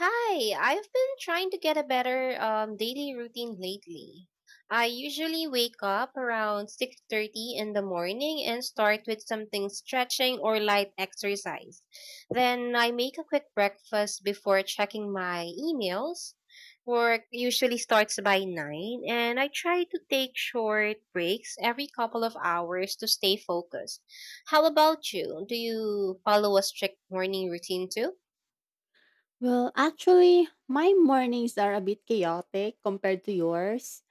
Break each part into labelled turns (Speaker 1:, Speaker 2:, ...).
Speaker 1: Hi, I've been trying to get a better daily routine lately. I usually wake up around 6:30 in the morning and start with something stretching or light exercise. Then I make a quick breakfast before checking my emails. Work usually starts by 9 and I try to take short breaks every couple of hours to stay focused. How about you? Do you follow a strict morning routine too?
Speaker 2: Well, actually, my mornings are a bit chaotic compared to yours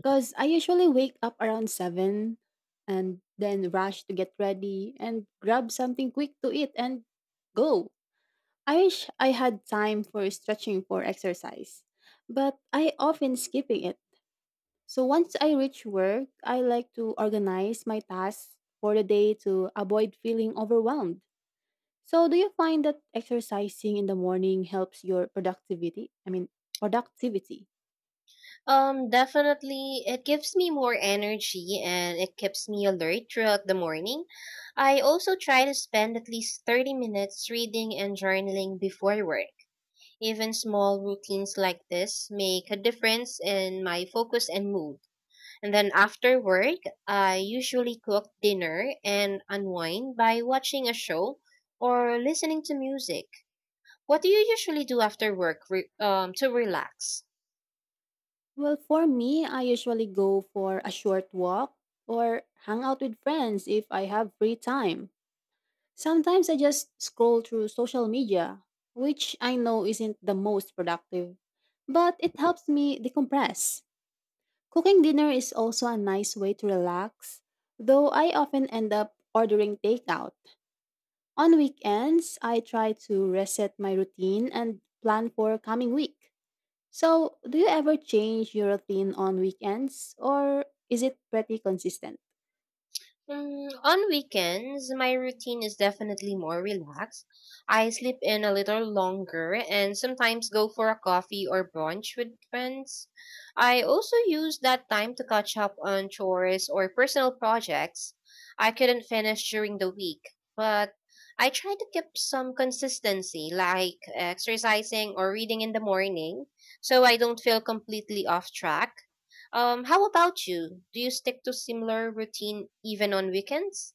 Speaker 2: because I usually wake up around 7 and then rush to get ready and grab something quick to eat and go. I wish I had time for stretching for exercise, but I often skipping it. So once I reach work, I like to organize my tasks for the day to avoid feeling overwhelmed. So, do you find that exercising in the morning helps your productivity?
Speaker 1: Definitely, it gives me more energy and it keeps me alert throughout the morning. I also try to spend at least 30 minutes reading and journaling before work. Even small routines like this make a difference in my focus and mood. And then after work, I usually cook dinner and unwind by watching a show or listening to music. What do you usually do after work to relax?
Speaker 2: Well, for me, I usually go for a short walk or hang out with friends if I have free time. Sometimes I just scroll through social media, which I know isn't the most productive, but it helps me decompress. Cooking dinner is also a nice way to relax, though I often end up ordering takeout. On weekends, I try to reset my routine and plan for coming week. So, do you ever change your routine on weekends or is it pretty consistent?
Speaker 1: Mm, on weekends, my routine is definitely more relaxed. I sleep in a little longer and sometimes go for a coffee or brunch with friends. I also use that time to catch up on chores or personal projects I couldn't finish during the week, but I try to keep some consistency like exercising or reading in the morning so I don't feel completely off track. How about you? Do you stick to similar routine even on weekends?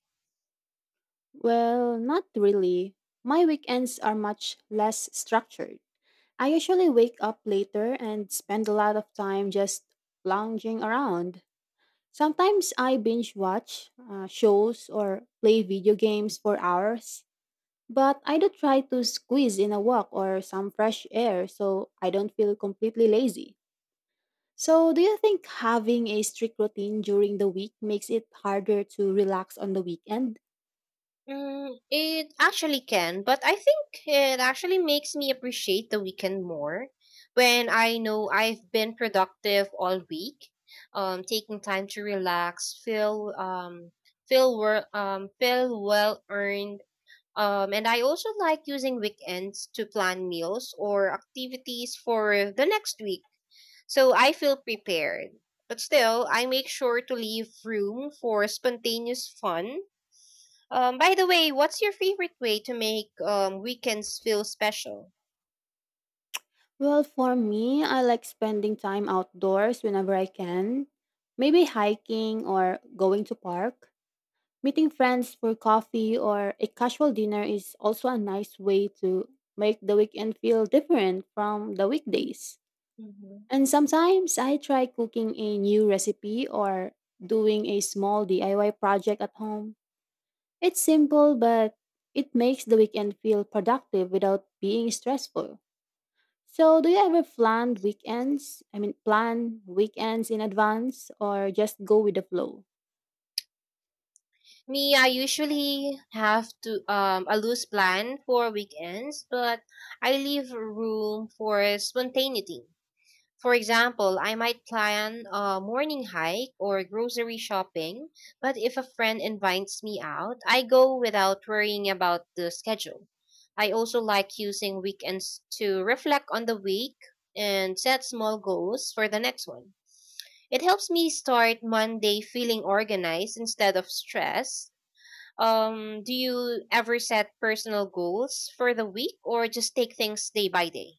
Speaker 2: Well, not really. My weekends are much less structured. I usually wake up later and spend a lot of time just lounging around. Sometimes I binge watch shows or play video games for hours. But I do try to squeeze in a walk or some fresh air so I don't feel completely lazy. So, do you think having a strict routine during the week makes it harder to relax on the weekend?
Speaker 1: Mm, it actually can, but I think it actually makes me appreciate the weekend more when I know I've been productive all week. Taking time to relax, feel well earned. And I also like using weekends to plan meals or activities for the next week, so I feel prepared. But still, I make sure to leave room for spontaneous fun. By the way, what's your favorite way to make weekends feel special?
Speaker 2: Well, for me, I like spending time outdoors whenever I can. Maybe hiking or going to park. Meeting friends for coffee or a casual dinner is also a nice way to make the weekend feel different from the weekdays.
Speaker 1: Mhm.
Speaker 2: And sometimes I try cooking a new recipe or doing a small DIY project at home. It's simple, but it makes the weekend feel productive without being stressful. So, do you ever plan weekends in advance or just go with the flow?
Speaker 1: Me, I usually have to a loose plan for weekends, but I leave room for spontaneity. For example, I might plan a morning hike or grocery shopping, but if a friend invites me out, I go without worrying about the schedule. I also like using weekends to reflect on the week and set small goals for the next one. It helps me start Monday feeling organized instead of stressed. Do you ever set personal goals for the week or just take things day by day?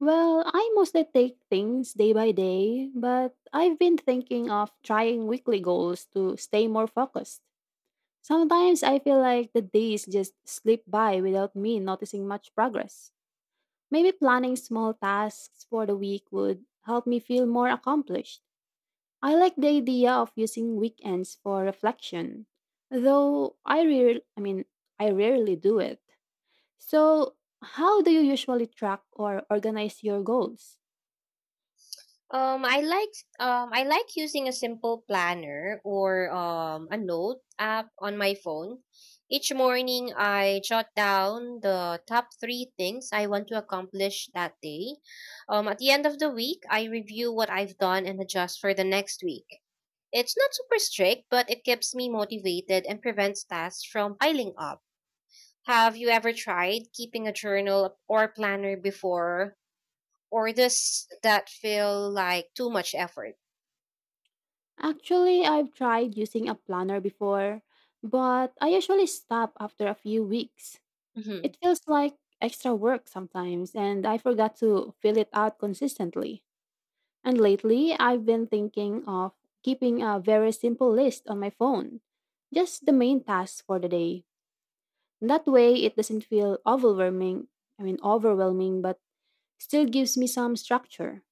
Speaker 2: Well, I mostly take things day by day, but I've been thinking of trying weekly goals to stay more focused. Sometimes I feel like the days just slip by without me noticing much progress. Maybe planning small tasks for the week would help me feel more accomplished. I like the idea of using weekends for reflection, though I rarely do it. So, how do you usually track or organize your goals?
Speaker 1: Um, I like I like using a simple planner or a note app on my phone. Each morning, I jot down the top three things I want to accomplish that day. At the end of the week, I review what I've done and adjust for the next week. It's not super strict, but it keeps me motivated and prevents tasks from piling up. Have you ever tried keeping a journal or planner before, or does that feel like too much effort?
Speaker 2: Actually, I've tried using a planner before, but I usually stop after a few weeks.
Speaker 1: Mhm.
Speaker 2: It feels like extra work sometimes, and I forgot to fill it out consistently. And lately, I've been thinking of keeping a very simple list on my phone, just the main tasks for the day. That way, it doesn't feel overwhelming, but still gives me some structure.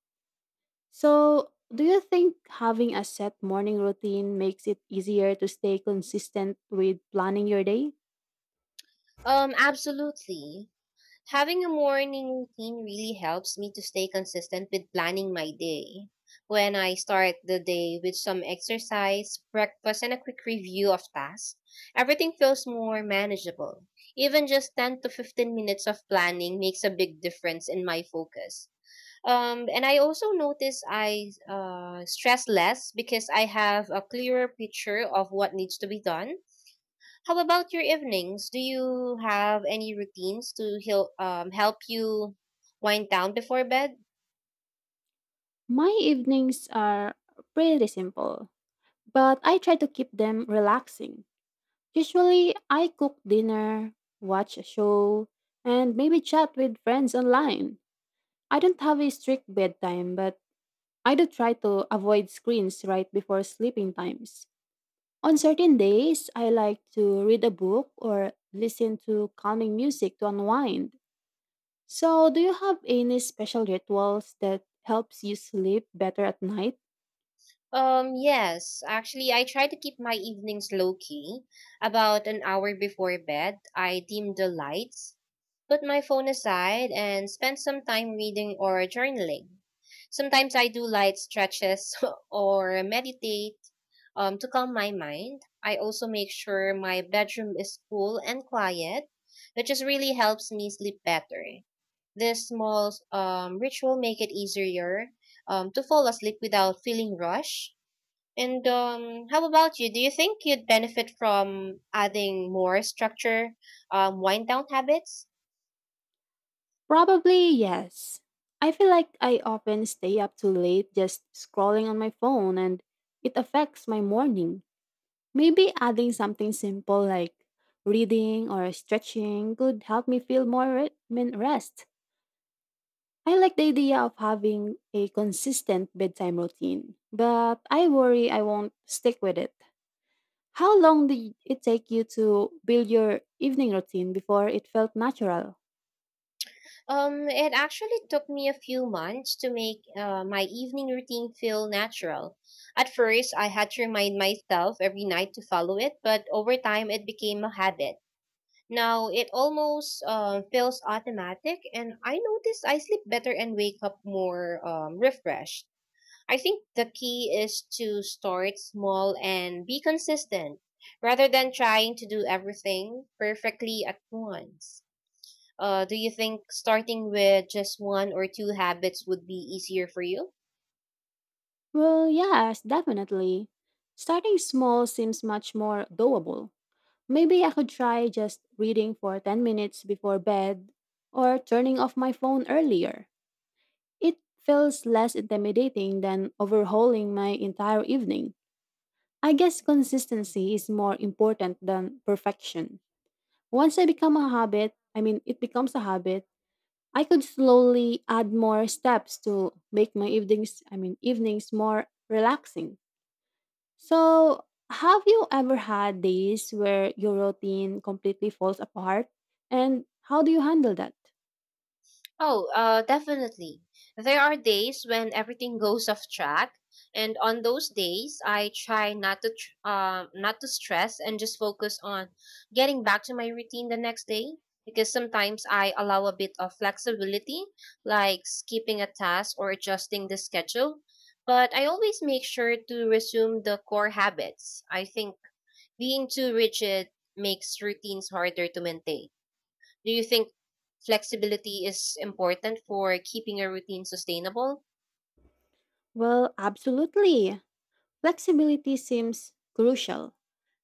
Speaker 2: So, do you think having a set morning routine makes it easier to stay consistent with planning your day?
Speaker 1: Absolutely. Having a morning routine really helps me to stay consistent with planning my day. When I start the day with some exercise, breakfast, and a quick review of tasks, everything feels more manageable. Even just 10 to 15 minutes of planning makes a big difference in my focus. And I also notice I stress less because I have a clearer picture of what needs to be done. How about your evenings? Do you have any routines to help you wind down before bed?
Speaker 2: My evenings are pretty simple but I try to keep them relaxing. Usually, I cook dinner, watch a show, and maybe chat with friends online. I don't have a strict bedtime, but I do try to avoid screens right before sleeping times. On certain days, I like to read a book or listen to calming music to unwind. So, do you have any special rituals that helps you sleep better at night?
Speaker 1: Yes. Actually, I try to keep my evenings low key. About an hour before bed, I dim the lights, put my phone aside, and spend some time reading or journaling. Sometimes I do light stretches or meditate to calm my mind. I also make sure my bedroom is cool and quiet, which just really helps me sleep better. This small ritual make it easier to fall asleep without feeling rushed. And how about you? Do you think you'd benefit from adding more structure, wind down habits?
Speaker 2: Probably yes. I feel like I often stay up too late just scrolling on my phone and it affects my morning. Maybe adding something simple like reading or stretching could help me feel I rest. I like the idea of having a consistent bedtime routine, but I worry I won't stick with it. How long did it take you to build your evening routine before it felt natural?
Speaker 1: It actually took me a few months to make my evening routine feel natural. At first, I had to remind myself every night to follow it, but over time, it became a habit. Now it almost feels automatic, and I notice I sleep better and wake up more refreshed. I think the key is to start small and be consistent rather than trying to do everything perfectly at once. Do you think starting with just one or two habits would be easier for you?
Speaker 2: Well, yes, definitely. Starting small seems much more doable. Maybe I could try just reading for 10 minutes before bed or turning off my phone earlier. It feels less intimidating than overhauling my entire evening. I guess consistency is more important than perfection. Once I become a habit, I mean, it becomes a habit, I could slowly add more steps to make my evenings more relaxing. So, have you ever had days where your routine completely falls apart? And how do you handle that?
Speaker 1: Oh, definitely. There are days when everything goes off track, and on those days, I try not to stress and just focus on getting back to my routine the next day. Because sometimes I allow a bit of flexibility, like skipping a task or adjusting the schedule. But I always make sure to resume the core habits. I think being too rigid makes routines harder to maintain. Do you think flexibility is important for keeping a routine sustainable?
Speaker 2: Well, absolutely. Flexibility seems crucial.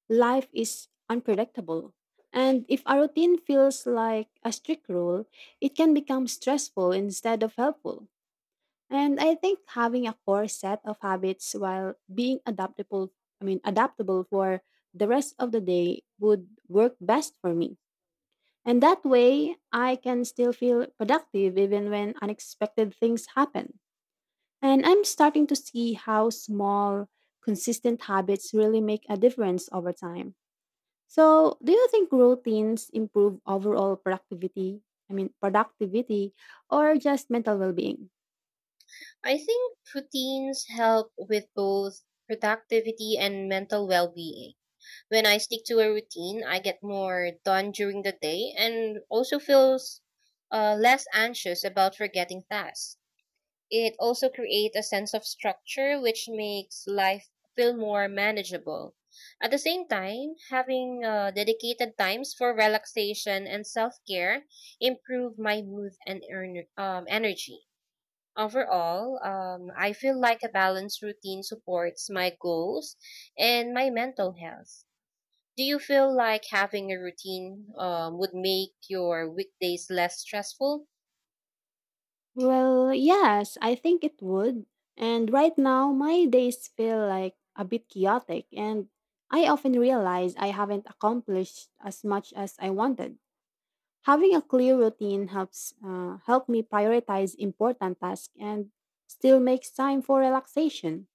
Speaker 2: Life is unpredictable. And if a routine feels like a strict rule, it can become stressful instead of helpful. And I think having a core set of habits while being adaptable for the rest of the day would work best for me. And that way, I can still feel productive even when unexpected things happen. And I'm starting to see how small, consistent habits really make a difference over time. So, do you think routines improve overall productivity or just mental well being?
Speaker 1: I think routines help with both productivity and mental well being. When I stick to a routine, I get more done during the day and also feels less anxious about forgetting tasks. It also creates a sense of structure which makes life feel more manageable. At the same time, having dedicated times for relaxation and self-care improve my mood and energy. Overall, I feel like a balanced routine supports my goals and my mental health. Do you feel like having a routine would make your weekdays less stressful?
Speaker 2: Well, yes, I think it would. And right now, my days feel like a bit chaotic, and I often realize I haven't accomplished as much as I wanted. Having a clear routine helps help me prioritize important tasks and still makes time for relaxation.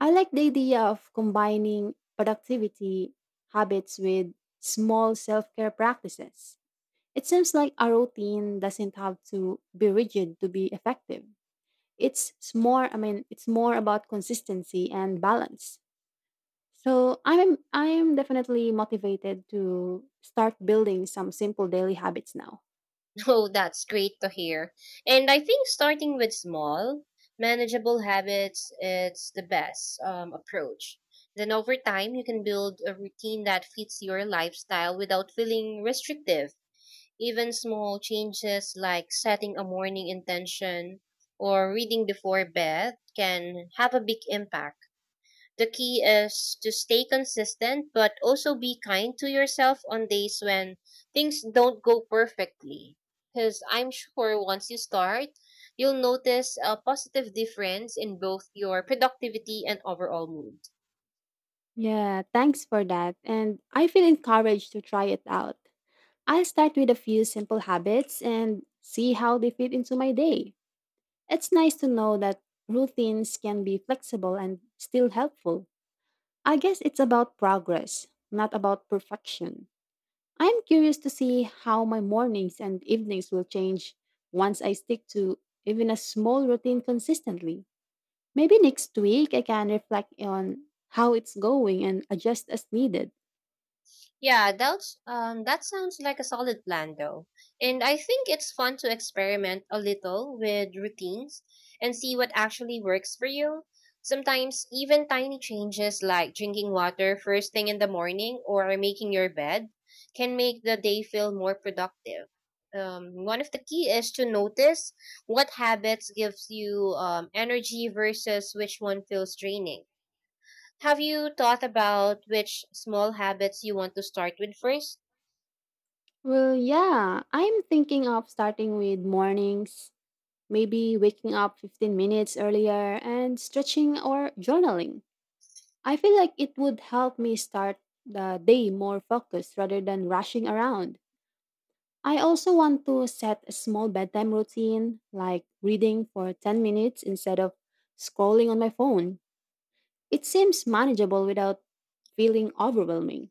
Speaker 2: I like the idea of combining productivity habits with small self-care practices. It seems like a routine doesn't have to be rigid to be effective. It's more about consistency and balance. So I'm definitely motivated to start building some simple daily habits now.
Speaker 1: Oh, that's great to hear. And I think starting with small, manageable habits it's the best approach. Then over time, you can build a routine that fits your lifestyle without feeling restrictive. Even small changes like setting a morning intention or reading before bed can have a big impact. The key is to stay consistent, but also be kind to yourself on days when things don't go perfectly. Because I'm sure once you start, you'll notice a positive difference in both your productivity and overall mood.
Speaker 2: Yeah, thanks for that. And I feel encouraged to try it out. I'll start with a few simple habits and see how they fit into my day. It's nice to know that routines can be flexible and still helpful. I guess it's about progress, not about perfection. I'm curious to see how my mornings and evenings will change once I stick to even a small routine consistently. Maybe next week I can reflect on how it's going and adjust as needed.
Speaker 1: Yeah, that sounds like a solid plan though. And I think it's fun to experiment a little with routines and see what actually works for you. Sometimes even tiny changes like drinking water first thing in the morning or making your bed can make the day feel more productive. One of the key is to notice what habits gives you energy versus which one feels draining. Have you thought about which small habits you want to start with first?
Speaker 2: Well, yeah, I'm thinking of starting with mornings, maybe waking up 15 minutes earlier and stretching or journaling. I feel like it would help me start the day more focused rather than rushing around. I also want to set a small bedtime routine, like reading for 10 minutes instead of scrolling on my phone. It seems manageable without feeling overwhelming.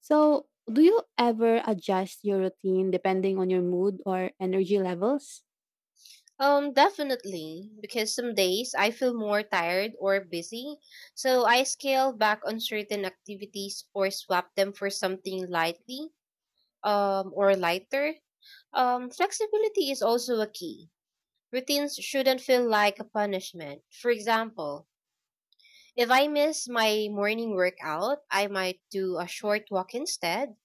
Speaker 2: So, do you ever adjust your routine depending on your mood or energy levels?
Speaker 1: Definitely, because some days I feel more tired or busy, so I scale back on certain activities or swap them for something lightly, or lighter. Flexibility is also a key. Routines shouldn't feel like a punishment. For example, if I miss my morning workout, I might do a short walk instead.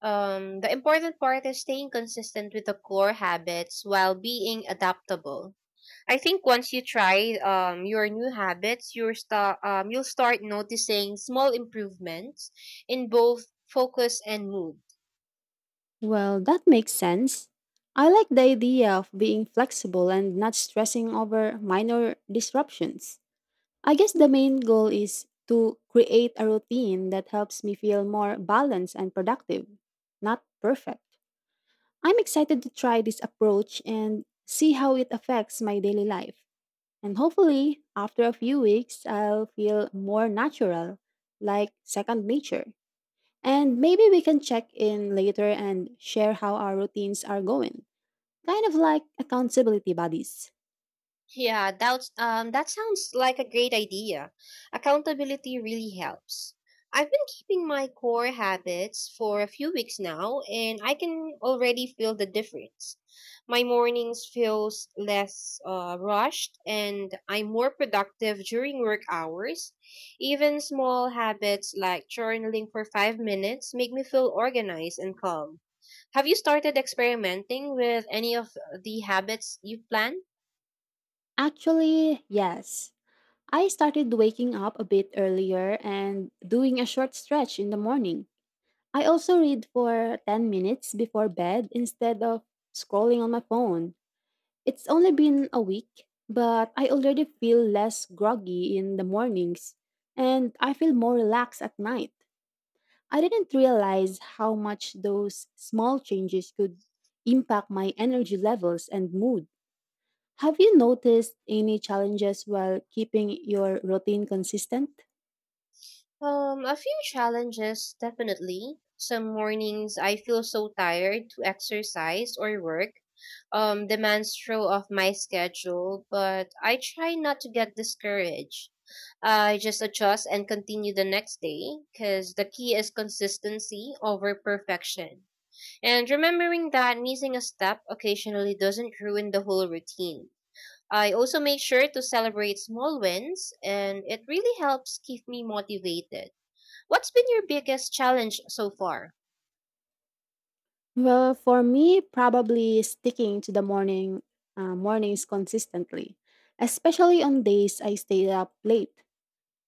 Speaker 1: The important part is staying consistent with the core habits while being adaptable. I think once you try your new habits, you'll start noticing small improvements in both focus and mood.
Speaker 2: Well, that makes sense. I like the idea of being flexible and not stressing over minor disruptions. I guess the main goal is to create a routine that helps me feel more balanced and productive, not perfect. I'm excited to try this approach and see how it affects my daily life. And hopefully, after a few weeks, I'll feel more natural, like second nature. And maybe we can check in later and share how our routines are going. Kind of like accountability buddies.
Speaker 1: Yeah, that sounds like a great idea. Accountability really helps. I've been keeping my core habits for a few weeks now and I can already feel the difference. My mornings feels less rushed and I'm more productive during work hours. Even small habits like journaling for 5 minutes make me feel organized and calm. Have you started experimenting with any of the habits you've planned?
Speaker 2: Actually, yes. I started waking up a bit earlier and doing a short stretch in the morning. I also read for 10 minutes before bed instead of scrolling on my phone. It's only been a week, but I already feel less groggy in the mornings and I feel more relaxed at night. I didn't realize how much those small changes could impact my energy levels and mood. Have you noticed any challenges while keeping your routine consistent?
Speaker 1: A few challenges, definitely. Some mornings I feel so tired to exercise or work. Demands throw off my schedule, but I try not to get discouraged. I just adjust and continue the next day because the key is consistency over perfection. And remembering that missing a step occasionally doesn't ruin the whole routine. I also make sure to celebrate small wins, and it really helps keep me motivated. What's been your biggest challenge so far?
Speaker 2: Well, for me, probably sticking to the mornings consistently, especially on days I stay up late.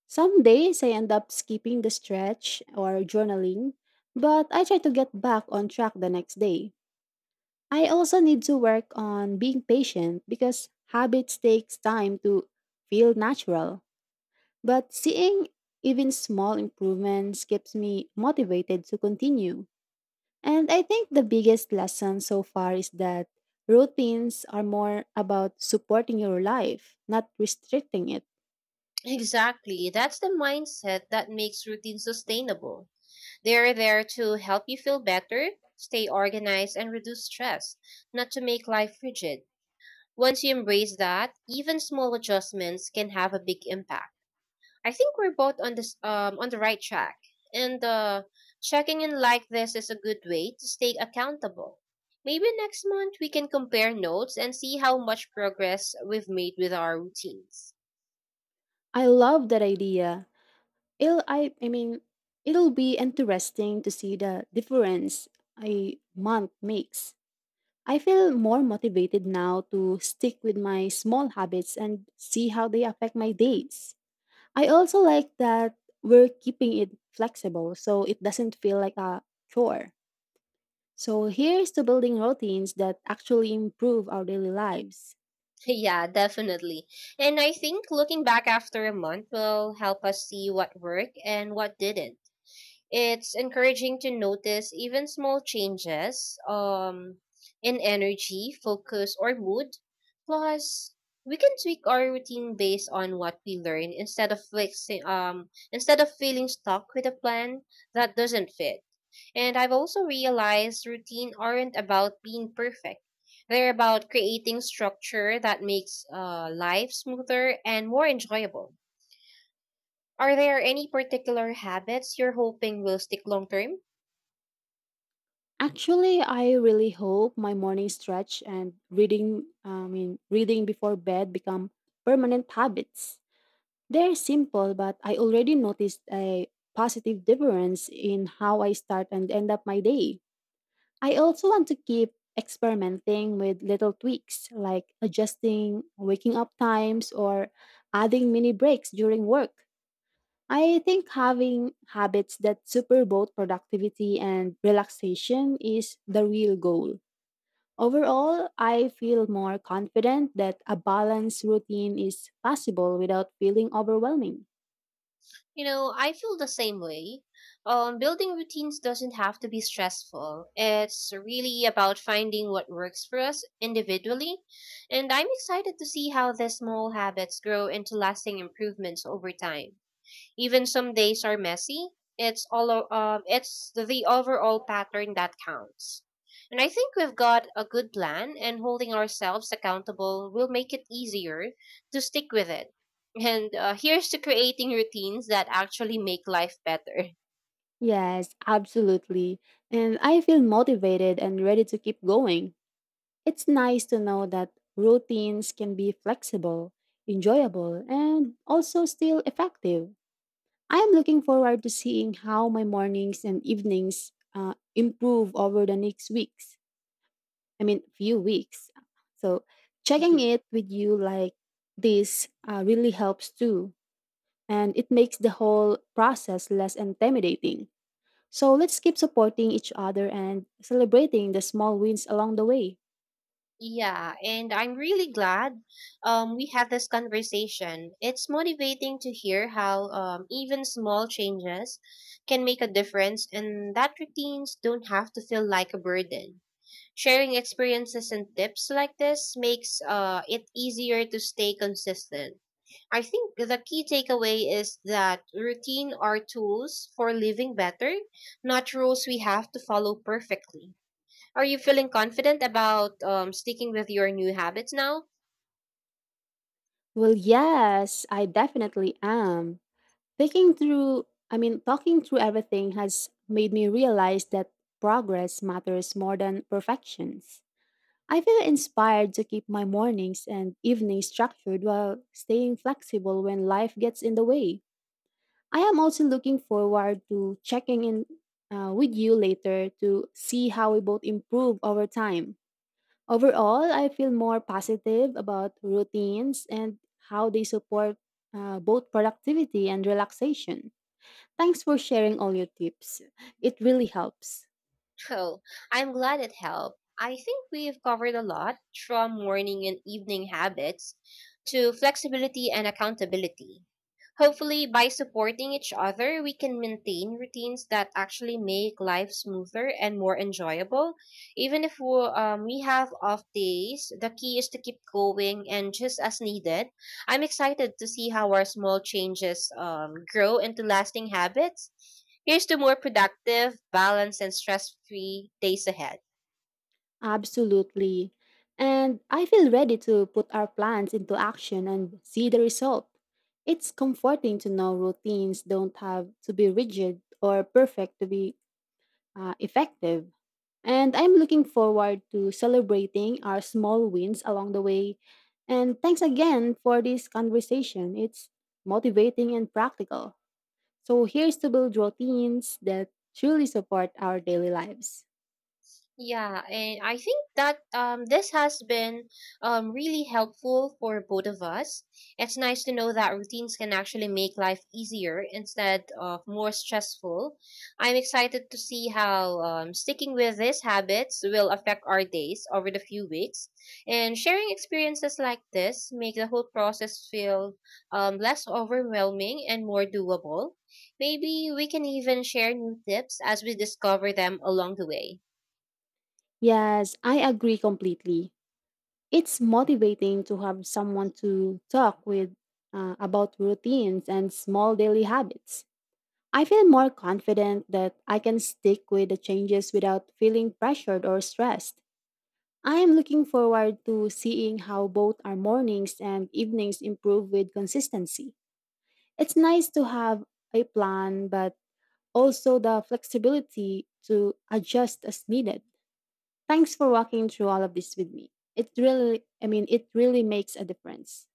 Speaker 2: Some days I end up skipping the stretch or journaling, but I try to get back on track the next day. I also need to work on being patient because habits takes time to feel natural. But seeing even small improvements keeps me motivated to continue. And I think the biggest lesson so far is that routines are more about supporting your life, not restricting it.
Speaker 1: Exactly. That's the mindset that makes routines sustainable. They're there to help you feel better, stay organized, and reduce stress, not to make life rigid. Once you embrace that, even small adjustments can have a big impact. I think we're both on the right track. And checking in like this is a good way to stay accountable. Maybe next month we can compare notes and see how much progress we've made with our routines.
Speaker 2: I love that idea. It'll I mean It'll be interesting to see the difference a month makes. I feel more motivated now to stick with my small habits and see how they affect my days. I also like that we're keeping it flexible so it doesn't feel like a chore. So here's to building routines that actually improve our daily lives.
Speaker 1: Yeah, definitely. And I think looking back after a month will help us see what worked and what didn't. It's encouraging to notice even small changes in energy, focus, or mood. Plus, we can tweak our routine based on what we learn instead of instead of feeling stuck with a plan that doesn't fit. And I've also realized routine aren't about being perfect. They're about creating structure that makes life smoother and more enjoyable. Are there any particular habits you're hoping will stick long term?
Speaker 2: Actually, I really hope my morning stretch and reading before bed become permanent habits. They're simple, but I already noticed a positive difference in how I start and end up my day. I also want to keep experimenting with little tweaks like adjusting waking up times or adding mini breaks during work. I think having habits that super both productivity and relaxation is the real goal. Overall, I feel more confident that a balanced routine is possible without feeling overwhelming.
Speaker 1: You know, I feel the same way. Building routines doesn't have to be stressful. It's really about finding what works for us individually. And I'm excited to see how the small habits grow into lasting improvements over time. Even some days are messy. It's the overall pattern that counts. And I think we've got a good plan, and holding ourselves accountable will make it easier to stick with it. And here's to creating routines that actually make life better.
Speaker 2: Yes, absolutely. And I feel motivated and ready to keep going. It's nice to know that routines can be flexible, enjoyable, and also still effective. I'm looking forward to seeing how my mornings and evenings improve over the next few weeks. So checking it with you like this really helps too, and it makes the whole process less intimidating. So let's keep supporting each other and celebrating the small wins along the way.
Speaker 1: Yeah, and I'm really glad we had this conversation. It's motivating to hear how, even small changes can make a difference, and that routines don't have to feel like a burden. Sharing experiences and tips like this makes it easier to stay consistent. I think the key takeaway is that routine are tools for living better, not rules we have to follow perfectly. Are you feeling confident about sticking with your new habits now?
Speaker 2: Well, yes, I definitely am. Thinking through, I mean, Talking through everything has made me realize that progress matters more than perfections. I feel inspired to keep my mornings and evenings structured while staying flexible when life gets in the way. I am also looking forward to checking in with you later to see how we both improve over time. Overall, I feel more positive about routines and how they support both productivity and relaxation. Thanks for sharing all your tips. It really helps.
Speaker 1: Oh, I'm glad it helped. I think we've covered a lot, from morning and evening habits to flexibility and accountability. Hopefully, by supporting each other, we can maintain routines that actually make life smoother and more enjoyable. Even if we have off days, the key is to keep going and just as needed. I'm excited to see how our small changes grow into lasting habits. Here's to more productive, balanced, and stress free days ahead.
Speaker 2: Absolutely. And I feel ready to put our plans into action and see the result. It's comforting to know routines don't have to be rigid or perfect to be effective. And I'm looking forward to celebrating our small wins along the way. And thanks again for this conversation. It's motivating and practical. So here's to build routines that truly support our daily lives.
Speaker 1: Yeah, and I think that, this has been, really helpful for both of us. It's nice to know that routines can actually make life easier instead of more stressful. I'm excited to see how, sticking with these habits will affect our days over the few weeks. And sharing experiences like this make the whole process feel, less overwhelming and more doable. Maybe we can even share new tips as we discover them along the way.
Speaker 2: Yes, I agree completely. It's motivating to have someone to talk with about routines and small daily habits. I feel more confident that I can stick with the changes without feeling pressured or stressed. I am looking forward to seeing how both our mornings and evenings improve with consistency. It's nice to have a plan, but also the flexibility to adjust as needed. Thanks for walking through all of this with me. It really makes a difference.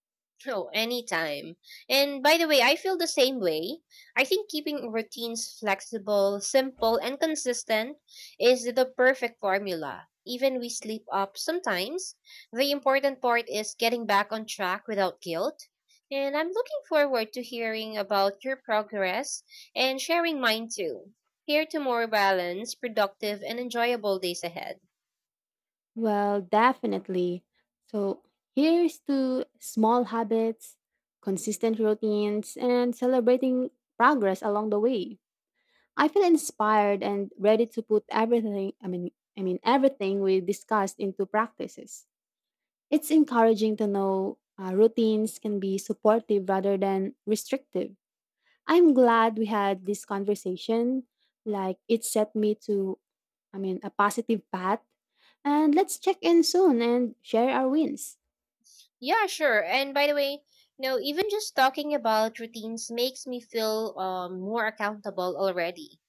Speaker 1: Oh, anytime. And by the way, I feel the same way. I think keeping routines flexible, simple, and consistent is the perfect formula. Even we sleep up sometimes. The important part is getting back on track without guilt. And I'm looking forward to hearing about your progress and sharing mine too. Here to more balanced, productive, and enjoyable days ahead.
Speaker 2: Well, definitely. So, here's to small habits, consistent routines, and celebrating progress along the way. I feel inspired and ready to put everything, I mean everything we discussed into practices. It's encouraging to know routines can be supportive rather than restrictive. I'm glad we had this conversation. Like it set me to I mean, A positive path. And let's check in soon and share our wins.
Speaker 1: Yeah, sure. And by the way, you know, even just talking about routines makes me feel, more accountable already.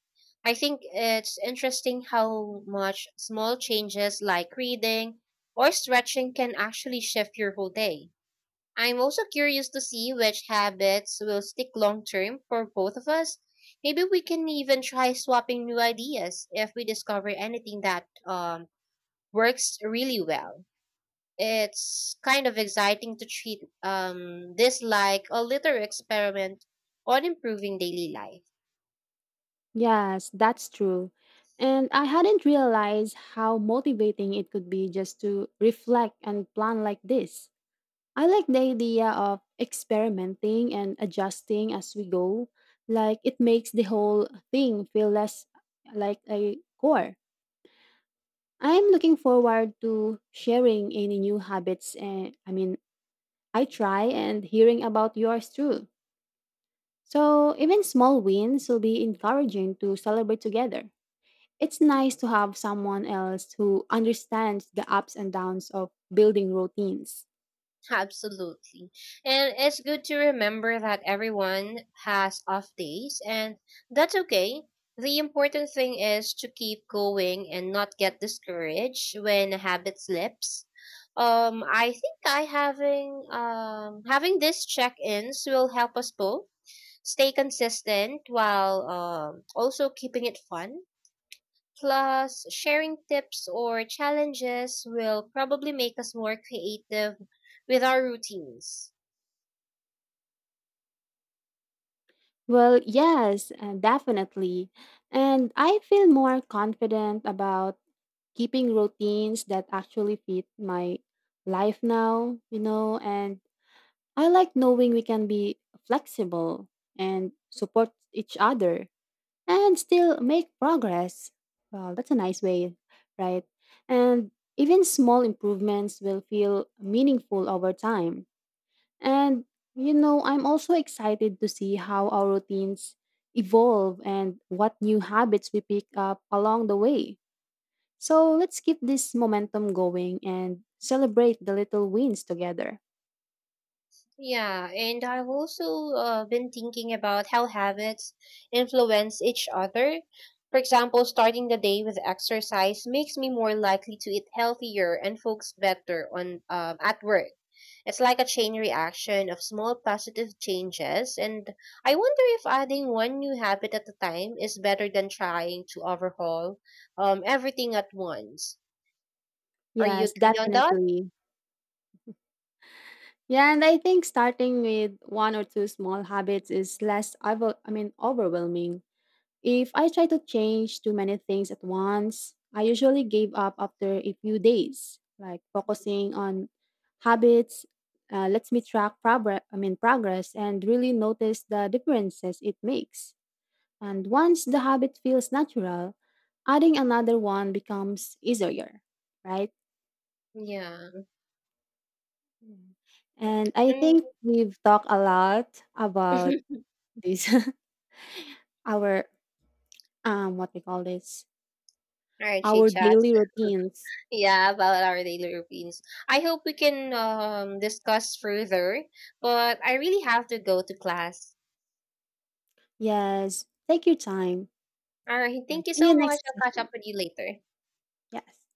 Speaker 1: I think it's interesting how much small changes like reading or stretching can actually shift your whole day. I'm also curious to see which habits will stick long term for both of us. Maybe we can even try swapping new ideas if we discover anything that, works really well. It's kind of exciting to treat, this like a little experiment on improving daily life.
Speaker 2: Yes, that's true. And I hadn't realized how motivating it could be just to reflect and plan like this. I like the idea of experimenting and adjusting as we go. Like it makes the whole thing feel less like a chore. I'm looking forward to sharing any new habits and I mean I try and hearing about yours too. So, even small wins will be encouraging to celebrate together. It's nice to have someone else who understands the ups and downs of building routines.
Speaker 1: Absolutely. And it's good to remember that everyone has off days, and that's okay. The important thing is to keep going and not get discouraged when a habit slips. I think I having having these check-ins will help us both stay consistent while also keeping it fun. Plus, sharing tips or challenges will probably make us more creative with our routines.
Speaker 2: Well, yes, definitely. And I feel more confident about keeping routines that actually fit my life now, you know, and I like knowing we can be flexible and support each other and still make progress. Well, that's a nice way, right? And even small improvements will feel meaningful over time. And, you know, I'm also excited to see how our routines evolve and what new habits we pick up along the way. So let's keep this momentum going and celebrate the little wins together.
Speaker 1: Yeah, and I've also been thinking about how habits influence each other. For example, starting the day with exercise makes me more likely to eat healthier and focus better on, at work. It's like a chain reaction of small positive changes, and I wonder if adding one new habit at a time is better than trying to overhaul, everything at once. Are you
Speaker 2: Yes,
Speaker 1: agree on that?
Speaker 2: definitely. Yeah, and I think starting with one or two small habits is less, over- I mean, overwhelming. If I try to change too many things at once, I usually give up after a few days. Like focusing on habits lets me track progress, I mean progress and really notice the differences it makes. And once the habit feels natural, adding another one becomes easier, right?
Speaker 1: Yeah.
Speaker 2: Mm. And I
Speaker 1: And
Speaker 2: think we've talked a lot about this our what we call this
Speaker 1: all right, Shay
Speaker 2: our
Speaker 1: Chat.
Speaker 2: daily routines.
Speaker 1: Yeah, about our daily routines. I hope we can, discuss further, but I really have to go to class.
Speaker 2: Yes. Take your time.
Speaker 1: All right,
Speaker 2: Yeah.
Speaker 1: thank you
Speaker 2: See
Speaker 1: so
Speaker 2: you
Speaker 1: much.
Speaker 2: next
Speaker 1: I'll catch
Speaker 2: session.
Speaker 1: up with you later.
Speaker 2: Yes.